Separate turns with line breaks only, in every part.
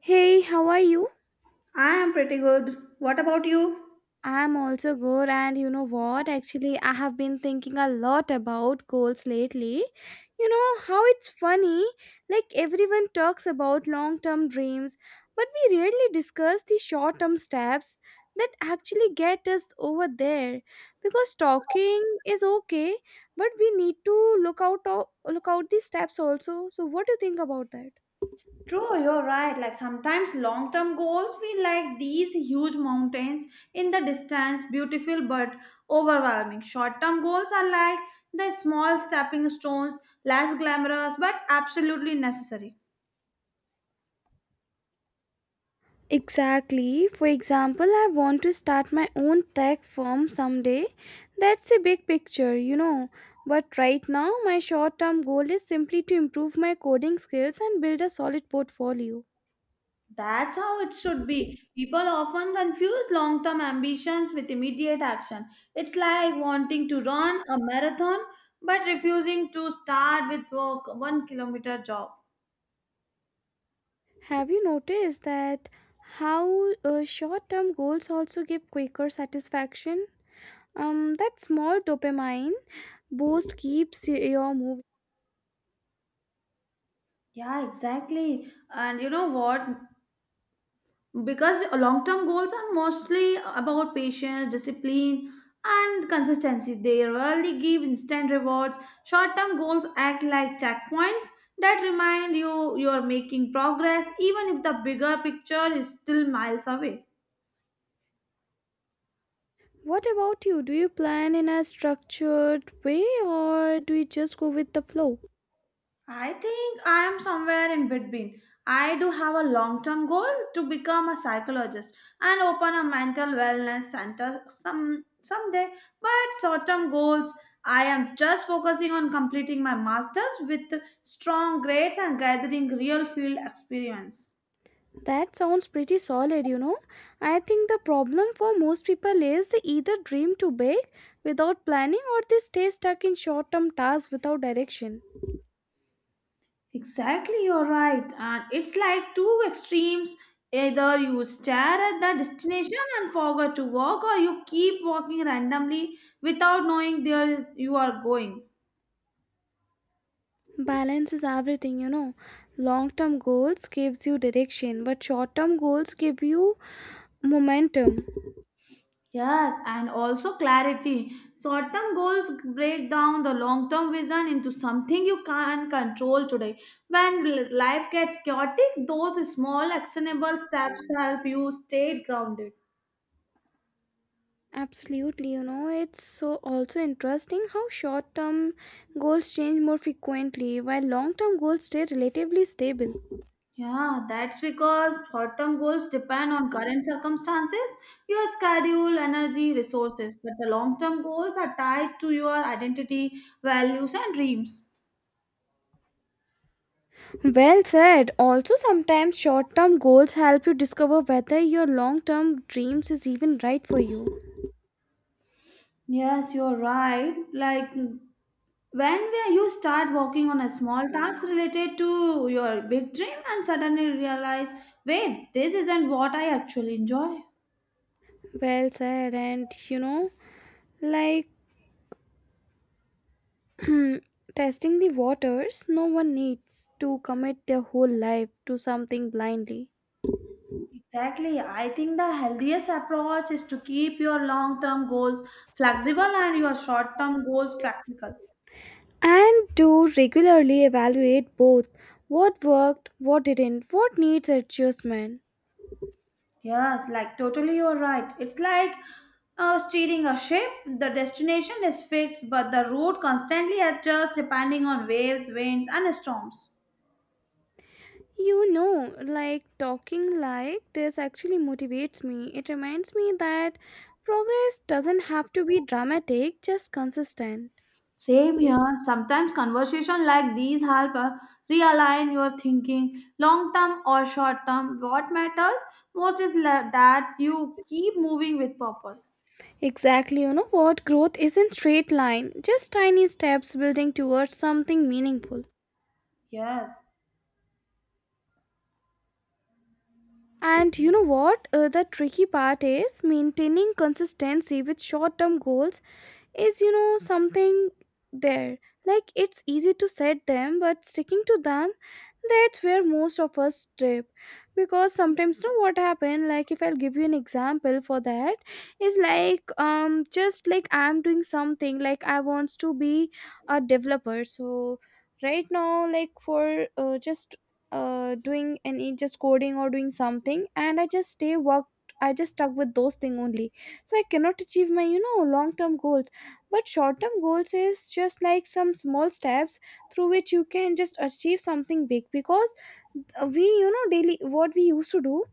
Hey, how are you?
I am pretty good. What about you?
I'm also good, and you know what? Actually, I have been thinking a lot about goals lately. You know how it's funny, like everyone talks about long term dreams, but we rarely discuss the short term steps that actually get us over there. Because talking is okay, but we need to look out the steps also. So, what do you think about that?
True, you're right. Like sometimes long term goals feel like these huge mountains in the distance, beautiful but overwhelming. Short term goals are like the small stepping stones, less glamorous but absolutely necessary.
Exactly. For example, I want to start my own tech firm someday. That's a big picture, you know. But right now, my short term goal is simply to improve my coding skills and build a solid portfolio.
That's how it should be. People often confuse long term ambitions with immediate action. It's like wanting to run a marathon but refusing to start with work 1 kilometer jog.
Have you noticed that how short term goals also give quicker satisfaction? That small dopamine boost keeps your moving.
Yeah, exactly. And you know what? Because long term goals are mostly about patience, discipline, and consistency. They rarely give instant rewards. Short term goals act like checkpoints that remind you you're making progress, even if the bigger picture is still miles away.
What about you? Do you plan in a structured way or do you just go with the flow?
I think I am somewhere in between. I do have a long term goal to become a psychologist and open a mental wellness center someday. But short term goals, I am just focusing on completing my masters with strong grades and gathering real field experience.
That sounds pretty solid, you know. I think the problem for most people is they either dream too big without planning or they stay stuck in short term tasks without direction.
Exactly, you're right. And it's like two extremes. Either you stare at the destination and forget to walk, or you keep walking randomly without knowing where you are going.
Balance is everything, you know. Long term goals gives you direction, but short term goals give you momentum.
Yes, and also clarity. Short term goals break down the long term vision into something you can control today. When life gets chaotic, those small actionable steps help you stay grounded.
Absolutely, you know, it's so also interesting how short term goals change more frequently while long term goals stay relatively stable.
Yeah, that's because short-term goals depend on current circumstances, your schedule, energy, resources, but the long-term goals are tied to your identity, values, and dreams.
Well said. Also, sometimes short term goals help you discover whether your long term dreams is even right for you.
Yes, you're right. Like when you start working on a small task related to your big dream and suddenly realize, wait, this isn't what I actually enjoy.
Well said, and you know, like testing the waters, no one needs to commit their whole life to something blindly.
Exactly. I think the healthiest approach is to keep your long term goals flexible and your short term goals practical.
And to regularly evaluate both what worked, what didn't, what needs adjustment.
Yes, like totally you're right. It's like steering a ship. The destination is fixed, but the route constantly adjusts depending on waves, winds, and storms.
You know, like talking like this actually motivates me. It reminds me that progress doesn't have to be dramatic, just consistent.
Same here. Sometimes conversation like these help realign your thinking. Long term or short term, what matters most is that you keep moving with purpose.
Exactly, you know what? Growth isn't straight line, just tiny steps building towards something meaningful.
Yes,
And you know what? The tricky part is maintaining consistency with short term goals is something there, like it's easy to set them, but sticking to them, that's where most of us trip, because sometimes know what happen, like if I'll give you an example for that is like just like I'm doing something, like I wants to be a developer, so right now, like for just doing any just coding or doing something, and I just stay worked, I just stuck with those thing only, so I cannot achieve my long term goals, but short term goals is just like some small steps through which you can just achieve something big, because we daily what we used to do,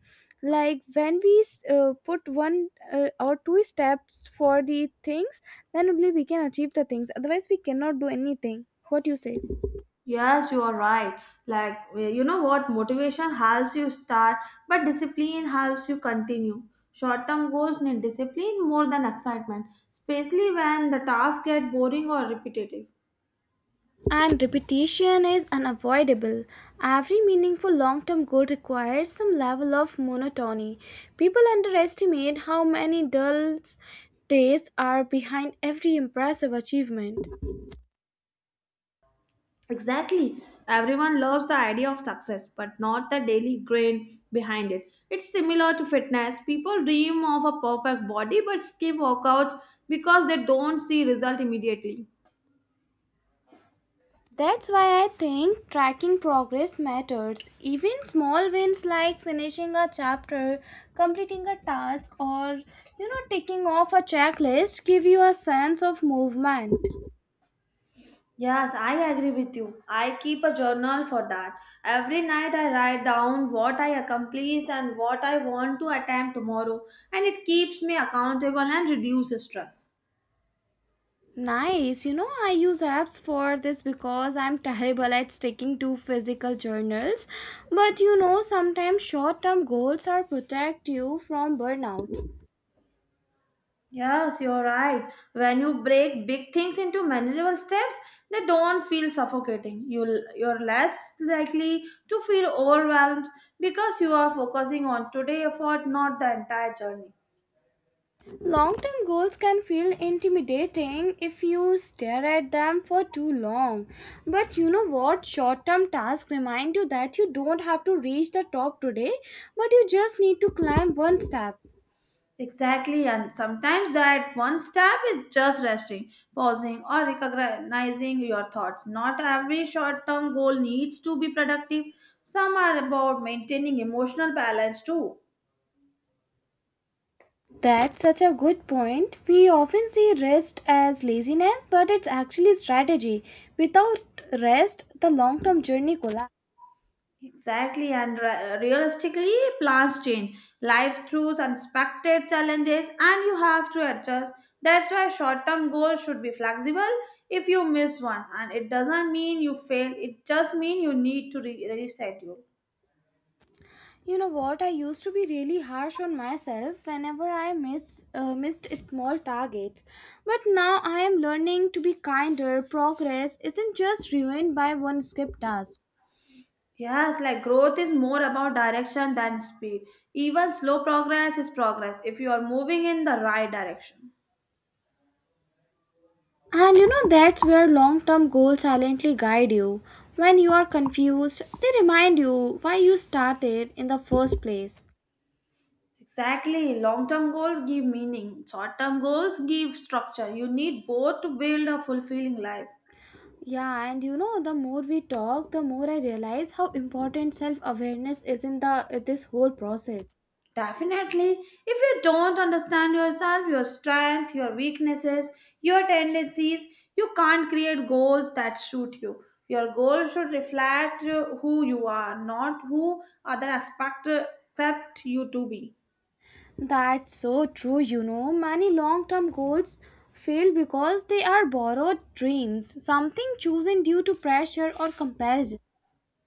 like when we put one or two steps for the things, then only we can achieve the things, otherwise we cannot do anything, what you say.
yes, you are right. Like, you know what? Motivation helps you start, but discipline helps you continue. Short term goals need discipline more than excitement, especially when the tasks get boring or repetitive.
And repetition is unavoidable. Every meaningful long term goal requires some level of monotony. People underestimate how many dull days are behind every impressive achievement.
Exactly. Everyone loves the idea of success, but not the daily grind behind it. It's similar to fitness. People dream of a perfect body but skip workouts because they don't see result immediately.
That's why I think tracking progress matters. Even small wins like finishing a chapter, completing a task, or you know, ticking off a checklist give you a sense of movement.
Yes, I agree with you. I keep a journal for that. Every night I write down what I accomplished and what I want to attempt tomorrow, and it keeps me accountable and reduces stress.
Nice. You know, I use apps for this because I'm terrible at sticking to physical journals. But you know, sometimes short term goals are protect you from burnout.
Yes, you're right. When you break big things into manageable steps, they don't feel suffocating. You're less likely to feel overwhelmed because you are focusing on today effort, not the entire journey.
Long term goals can feel intimidating if you stare at them for too long. But you know what? Short term tasks remind you that you don't have to reach the top today, but you just need to climb one step.
Exactly, and sometimes that one step is just resting, pausing, or recognizing your thoughts. Not every short term goal needs to be productive, some are about maintaining emotional balance too.
That's such a good point. We often see rest as laziness, but it's actually strategy. Without rest, the long term journey collapses.
Exactly, and realistically, plans change. Life throws unexpected challenges, and you have to adjust. That's why short term goals should be flexible if you miss one, and it doesn't mean you fail, it just means you need to reset you.
You know what? I used to be really harsh on myself whenever I missed small targets. But now I am learning to be kinder. Progress isn't just ruined by one skipped task.
Yes, like growth is more about direction than speed. Even slow progress is progress if you are moving in the right direction.
And you know, that's where long term goals silently guide you. When you are confused, they remind you why you started in the first place.
Exactly. Long term goals give meaning, short term goals give structure. You need both to build a fulfilling life.
Yeah, and you know, the more we talk, the more I realize how important self awareness is in the this whole process.
Definitely. If you don't understand yourself, your strength, your weaknesses, your tendencies, you can't create goals that suit you. Your goals should reflect who you are, not who other aspect accept you to be.
That's so true, you know. Many long term goals fail because they are borrowed dreams, something chosen due to pressure or comparison.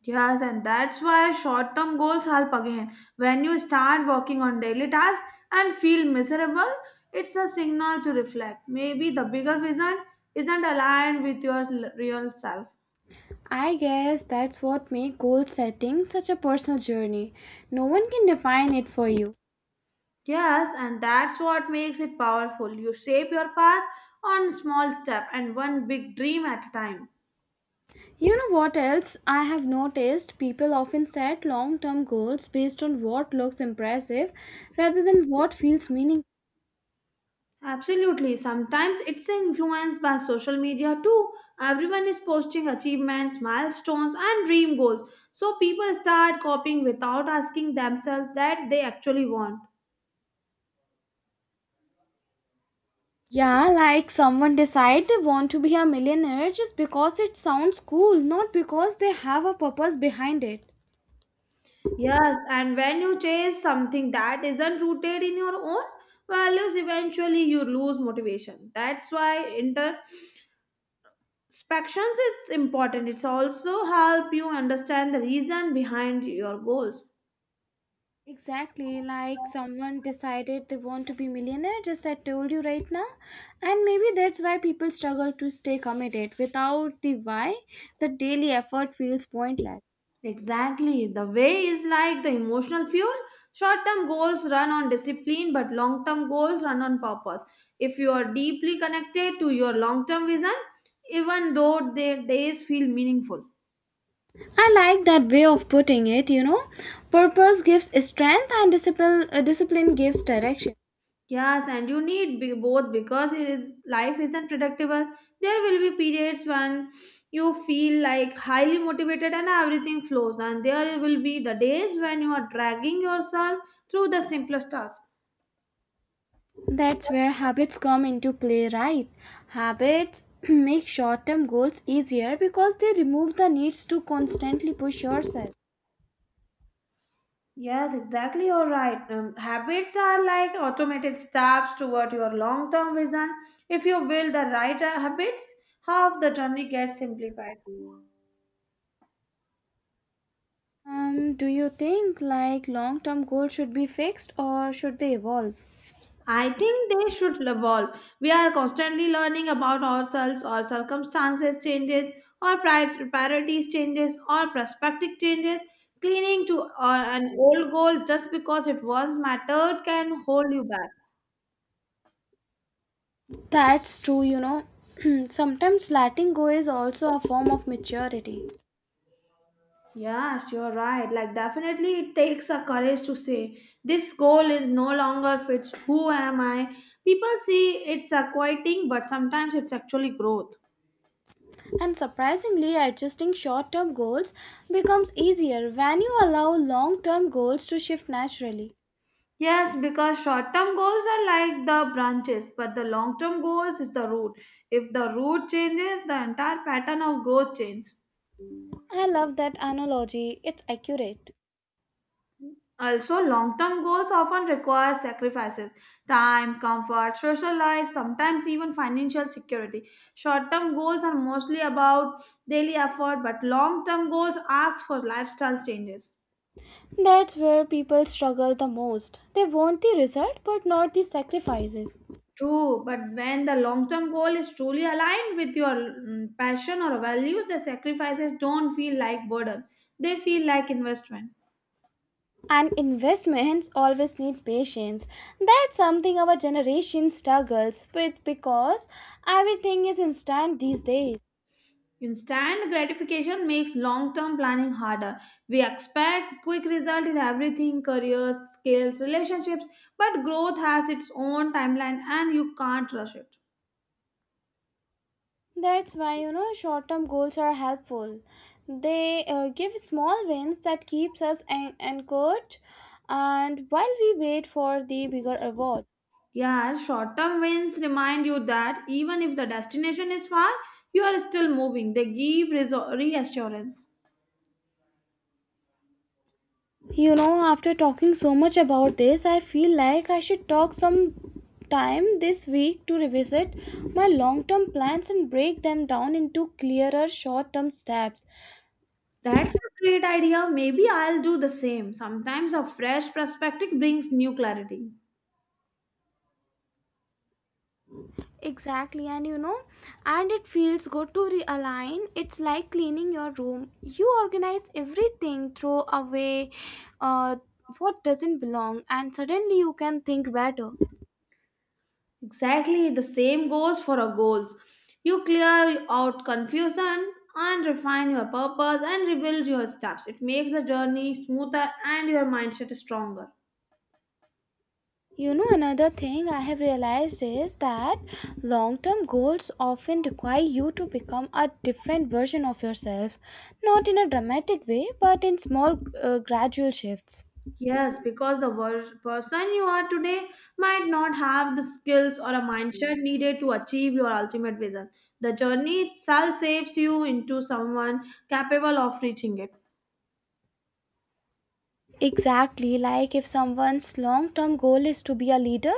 Yes, and that's why short term goals help again. When you start working on daily tasks and feel miserable, it's a signal to reflect. Maybe the bigger vision isn't aligned with your real self.
I guess that's what makes goal setting such a personal journey. No one can define it for you.
Yes, and that's what makes it powerful. You shape your path on small step and one big dream at a time.
You know what else? I have noticed people often set long term goals based on what looks impressive rather than what feels meaningful.
Absolutely. Sometimes it's influenced by social media too. Everyone is posting achievements, milestones, and dream goals. So people start copying without asking themselves that they actually want.
Yeah, like someone decide they want to be a millionaire just because it sounds cool, not because they have a purpose behind it.
Yes, and when you chase something that isn't rooted in your own values, eventually you lose motivation. That's why introspections is important. It's also help you understand the reason behind your goals.
Exactly, like someone decided they want to be millionaire just I told you right now. And maybe that's why people struggle to stay committed. Without the why, the daily effort feels pointless.
Exactly. The way is like the emotional fuel. Short term goals run on discipline, but long term goals run on purpose. If you are deeply connected to your long term vision, even though their days feel meaningful.
I like that way of putting it, you know. Purpose gives strength and discipline gives direction.
Yes, and you need both because it is, life isn't predictable. There will be periods when you feel like highly motivated and everything flows, and there will be the days when you are dragging yourself through the simplest task.
That's where habits come into play, right? Habits make short term goals easier because they remove the needs to constantly push yourself.
Yes, exactly. You're right. Habits are like automated steps toward your long term vision. If you build the right habits, half the journey gets simplified.
Do you think like long term goals should be fixed or should they evolve?
I think they should evolve. We are constantly learning about ourselves, our circumstances changes, our priorities changes, our perspective changes. Clinging to an old goal just because it once mattered can hold you back.
That's true, you know. Sometimes letting go is also a form of maturity.
Yes, you're right. Like, definitely, it takes a courage to say this goal is no longer fits who am I. People see it's a quieting, but sometimes it's actually growth.
And surprisingly, adjusting short term goals becomes easier when you allow long term goals to shift naturally.
Yes, because short-term goals are like the branches, but the long-term goals is the root. If the root changes, the entire pattern of growth changes.
I love that analogy, it's accurate.
Also, long term goals often require sacrifices time, comfort, social life, sometimes even financial security. Short term goals are mostly about daily effort, but long term goals ask for lifestyle changes.
That's where people struggle the most. They want the result but not the sacrifices.
True, but when the long term goal is truly aligned with your passion or values, the sacrifices don't feel like burden, they feel like investment.
And investments always need patience. That's something our generation struggles with because everything is instant these days.
Instant gratification makes long term planning harder. We expect quick result in everything careers, skills, relationships, but growth has its own timeline and you can't rush it.
That's why you know short-term goals are helpful. They give small wins that keeps us anchored, and while we wait for the bigger reward.
Yeah, short term wins remind you that even if the destination is far, you are still moving. They give reassurance.
You know, after talking so much about this, I feel like I should talk some time this week to revisit my long-term plans and break them down into clearer short-term steps.
That's a great idea. Maybe I'll do the same. Sometimes a fresh perspective brings new clarity.
Exactly, and you know, and it feels good to realign. It's like cleaning your room. You organize everything, throw away uh, what doesn't belong, and suddenly you can think better.
Exactly the same goes for our goals. You clear out confusion and refine your purpose and rebuild your steps. It makes the journey smoother and your mindset stronger.
You know, another thing I have realized is that long term goals often require you to become a different version of yourself, not in a dramatic way, but in small, gradual shifts.
Yes, because the person you are today might not have the skills or a mindset needed to achieve your ultimate vision. The journey itself shapes you into someone capable of reaching it.
Exactly, like if someone's long term goal is to be a leader,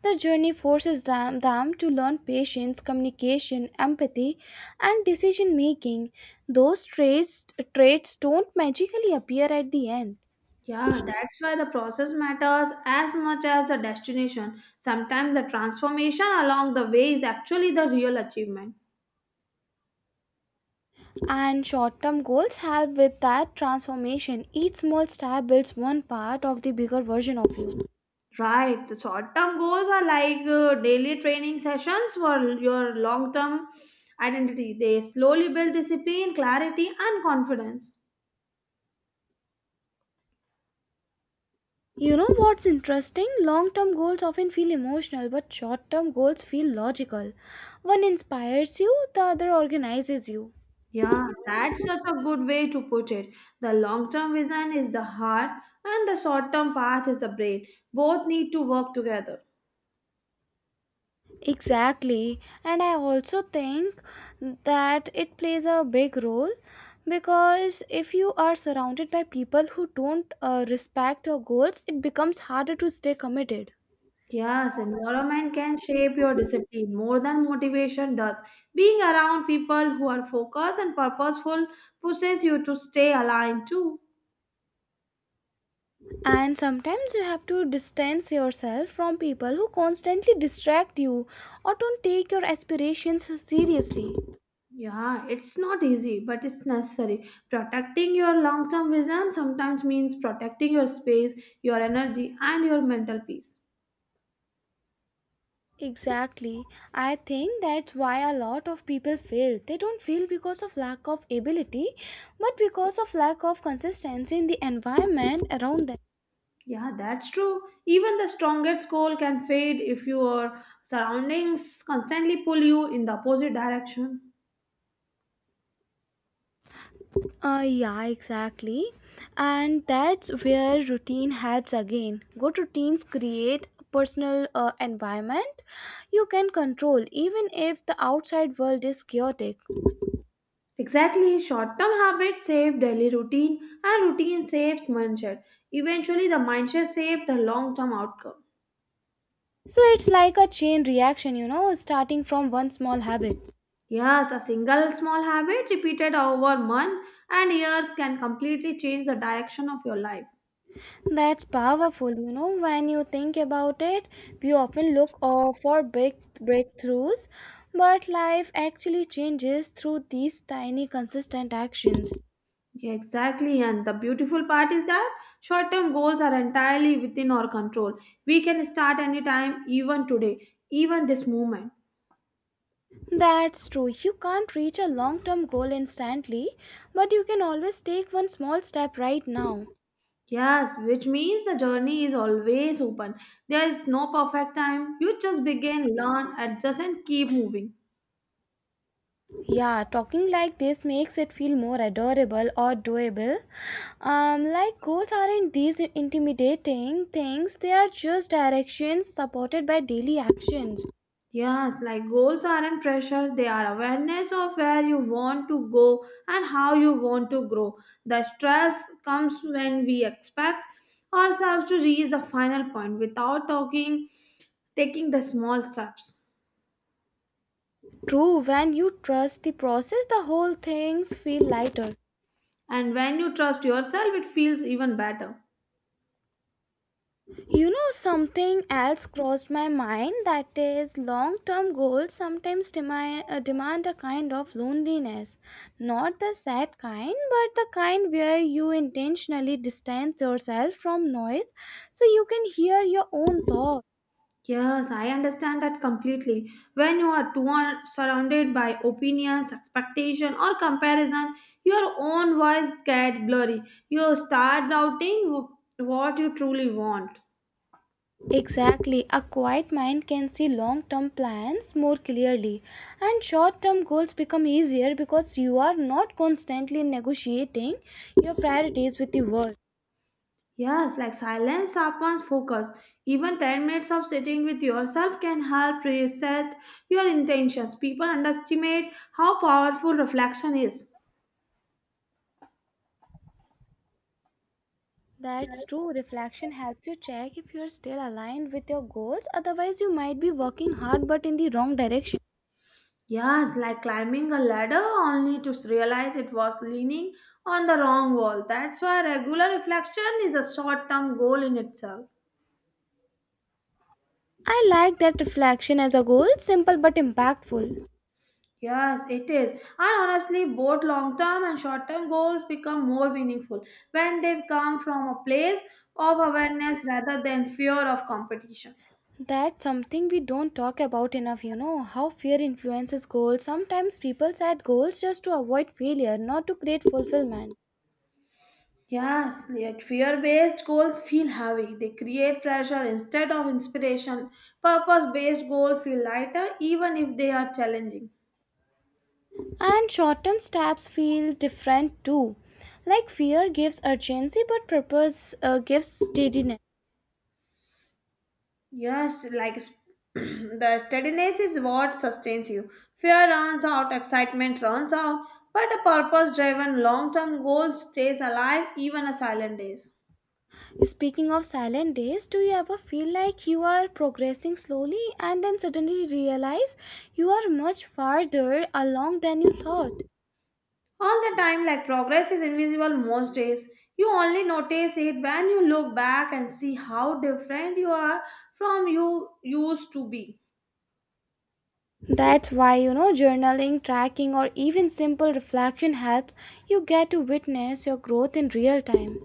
the journey forces them to learn patience, communication, empathy, and decision making. Those traits don't magically appear at the end.
Yeah, that's why the process matters as much as the destination. Sometimes the transformation along the way is actually the real achievement.
And short term goals help with that transformation. Each small step builds one part of the bigger version of you.
Right. The short term goals are like daily training sessions for your long term identity. They slowly build discipline, clarity, and confidence.
You know what's interesting? Long term goals often feel emotional, but short term goals feel logical. One inspires you, the other organizes you.
Yeah, that's such a good way to put it. The long term vision is the heart, and the short term path is the brain. Both need to work together.
Exactly. And I also think that it plays a big role because if you are surrounded by people who don't respect your goals, it becomes harder to stay committed.
Yes, environment can shape your discipline more than motivation does. Being around people who are focused and purposeful pushes you to stay aligned too.
And sometimes you have to distance yourself from people who constantly distract you or don't take your aspirations seriously.
Yeah, it's not easy, but it's necessary. Protecting your long term vision sometimes means protecting your space, your energy, and your mental peace.
Exactly. I think that's why a lot of people fail. They don't fail because of lack of ability, but because of lack of consistency in the environment around them.
Yeah, that's true. Even the strongest goal can fade if your surroundings constantly pull you in the opposite direction.
Yeah, exactly. And that's where routine helps again. Good routines create a personal environment you can control even if the outside world is chaotic.
Exactly, short term habits save daily routine, and routine saves mindset. Eventually, the mindset saves the long term outcome.
So it's like a chain reaction, you know, starting from one small habit.
Yes, a single small habit repeated over months and years can completely change the direction of your life.
That's powerful, you know. When you think about it, we often look for big breakthroughs, but life actually changes through these tiny, consistent actions.
Yeah, exactly, and the beautiful part is that short term goals are entirely within our control. We can start anytime, even today, even this moment.
That's true. You can't reach a long term goal instantly, but you can always take one small step right now.
Yes, which means the journey is always open. There is no perfect time. You just begin, learn, adjust, and keep moving.
Yeah, talking like this makes it feel more adorable or doable. Like goals aren't these intimidating things, they are just directions supported by daily actions.
Yes, like goals aren't pressure, they are awareness of where you want to go and how you want to grow. The stress comes when we expect ourselves to reach the final point without talking, taking the small steps.
True, when you trust the process, the whole things feel lighter.
And when you trust yourself, it feels even better.
You know, something else crossed my mind that is long term goals sometimes demand a kind of loneliness. Not the sad kind, but the kind where you intentionally distance yourself from noise so you can hear your own thoughts.
Yes, I understand that completely. When you are too surrounded by opinions, expectation, or comparison, your own voice get blurry. You start doubting what you truly want.
Exactly. A quiet mind can see long term plans more clearly, and short term goals become easier because you are not constantly negotiating your priorities with the world.
Yes, like silence sharpens focus. Even 10 minutes of sitting with yourself can help reset your intentions. People underestimate how powerful reflection is.
That's true. Reflection helps you check if you are still aligned with your goals, otherwise, you might be working hard but in the wrong direction.
Yes, like climbing a ladder only to realize it was leaning on the wrong wall. That's why regular reflection is a short term goal in itself.
I like that reflection as a goal, simple but impactful.
Yes, it is. And honestly, both long term and short term goals become more meaningful when they come from a place of awareness rather than fear of competition.
That's something we don't talk about enough, you know, how fear influences goals. Sometimes people set goals just to avoid failure, not to create fulfillment.
Yes, like fear based goals feel heavy. They create pressure instead of inspiration. Purpose based goals feel lighter even if they are challenging.
And short term steps feel different too. Like fear gives urgency, but purpose gives steadiness.
Yes, like the steadiness is what sustains you. Fear runs out, excitement runs out, but a purpose driven long term goal stays alive even on silent days.
Speaking of silent days, do you ever feel like you are progressing slowly and then suddenly realize you are much farther along than you thought?
All the time, like progress is invisible most days. You only notice it when you look back and see how different you are from you used to be.
That's why, you know, journaling, tracking, or even simple reflection helps you get to witness your growth in real time.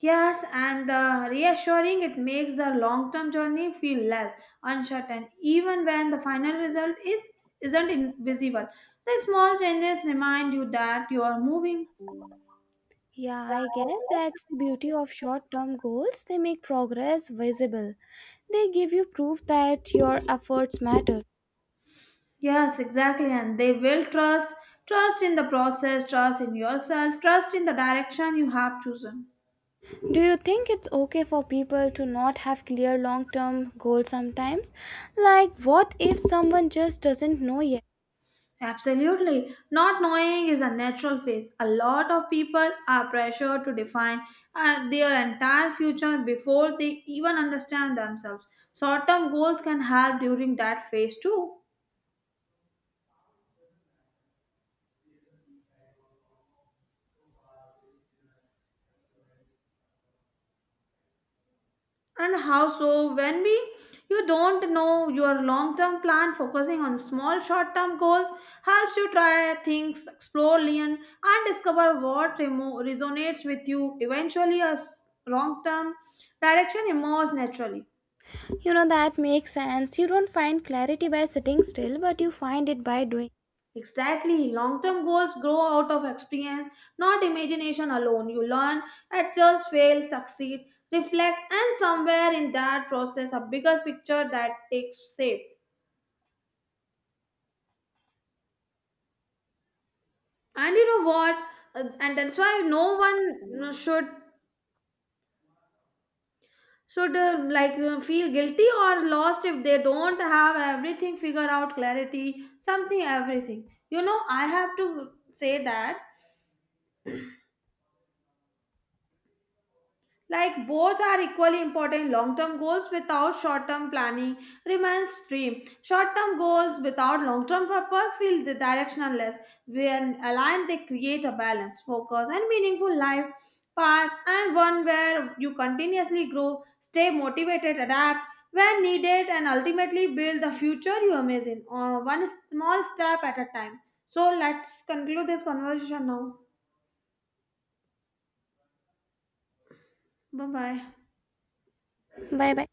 Yes, and the reassuring it makes the long term journey feel less uncertain, even when the final result is isn't invisible. The small changes remind you that you are moving.
Yeah, I guess that's the beauty of short term goals. They make progress visible, they give you proof that your efforts matter.
Yes, exactly, and they will trust in the process, trust in yourself, trust in the direction you have chosen.
Do you think it's okay for people to not have clear long term goals sometimes? Like, what if someone just doesn't know yet?
Absolutely. Not knowing is a natural phase. A lot of people are pressured to define their entire future before they even understand themselves. Short term goals can help during that phase too. And how so? When we you don't know your long term plan, focusing on small short term goals helps you try things, explore, learn, and discover what resonates with you. Eventually, a long term direction emerges naturally.
You know, that makes sense. You don't find clarity by sitting still, but you find it by doing.
Exactly. Long term goals grow out of experience, not imagination alone. You learn, adjust, fail, succeed, reflect, and somewhere in that process, a bigger picture that takes shape. And you know what? And that's why no one, should, should, like, feel guilty or lost if they don't have everything figured out, clarity, something, everything. You know, I have to say that like both are equally important. Long term goals without short term planning remains dream. Short term goals without long term purpose feel the directionless. When aligned, they create a balanced, focused, and meaningful life path, and one where you continuously grow, stay motivated, adapt when needed, and ultimately build the future you imagine one small step at a time. So let's conclude this conversation now. Bye bye.
Bye bye.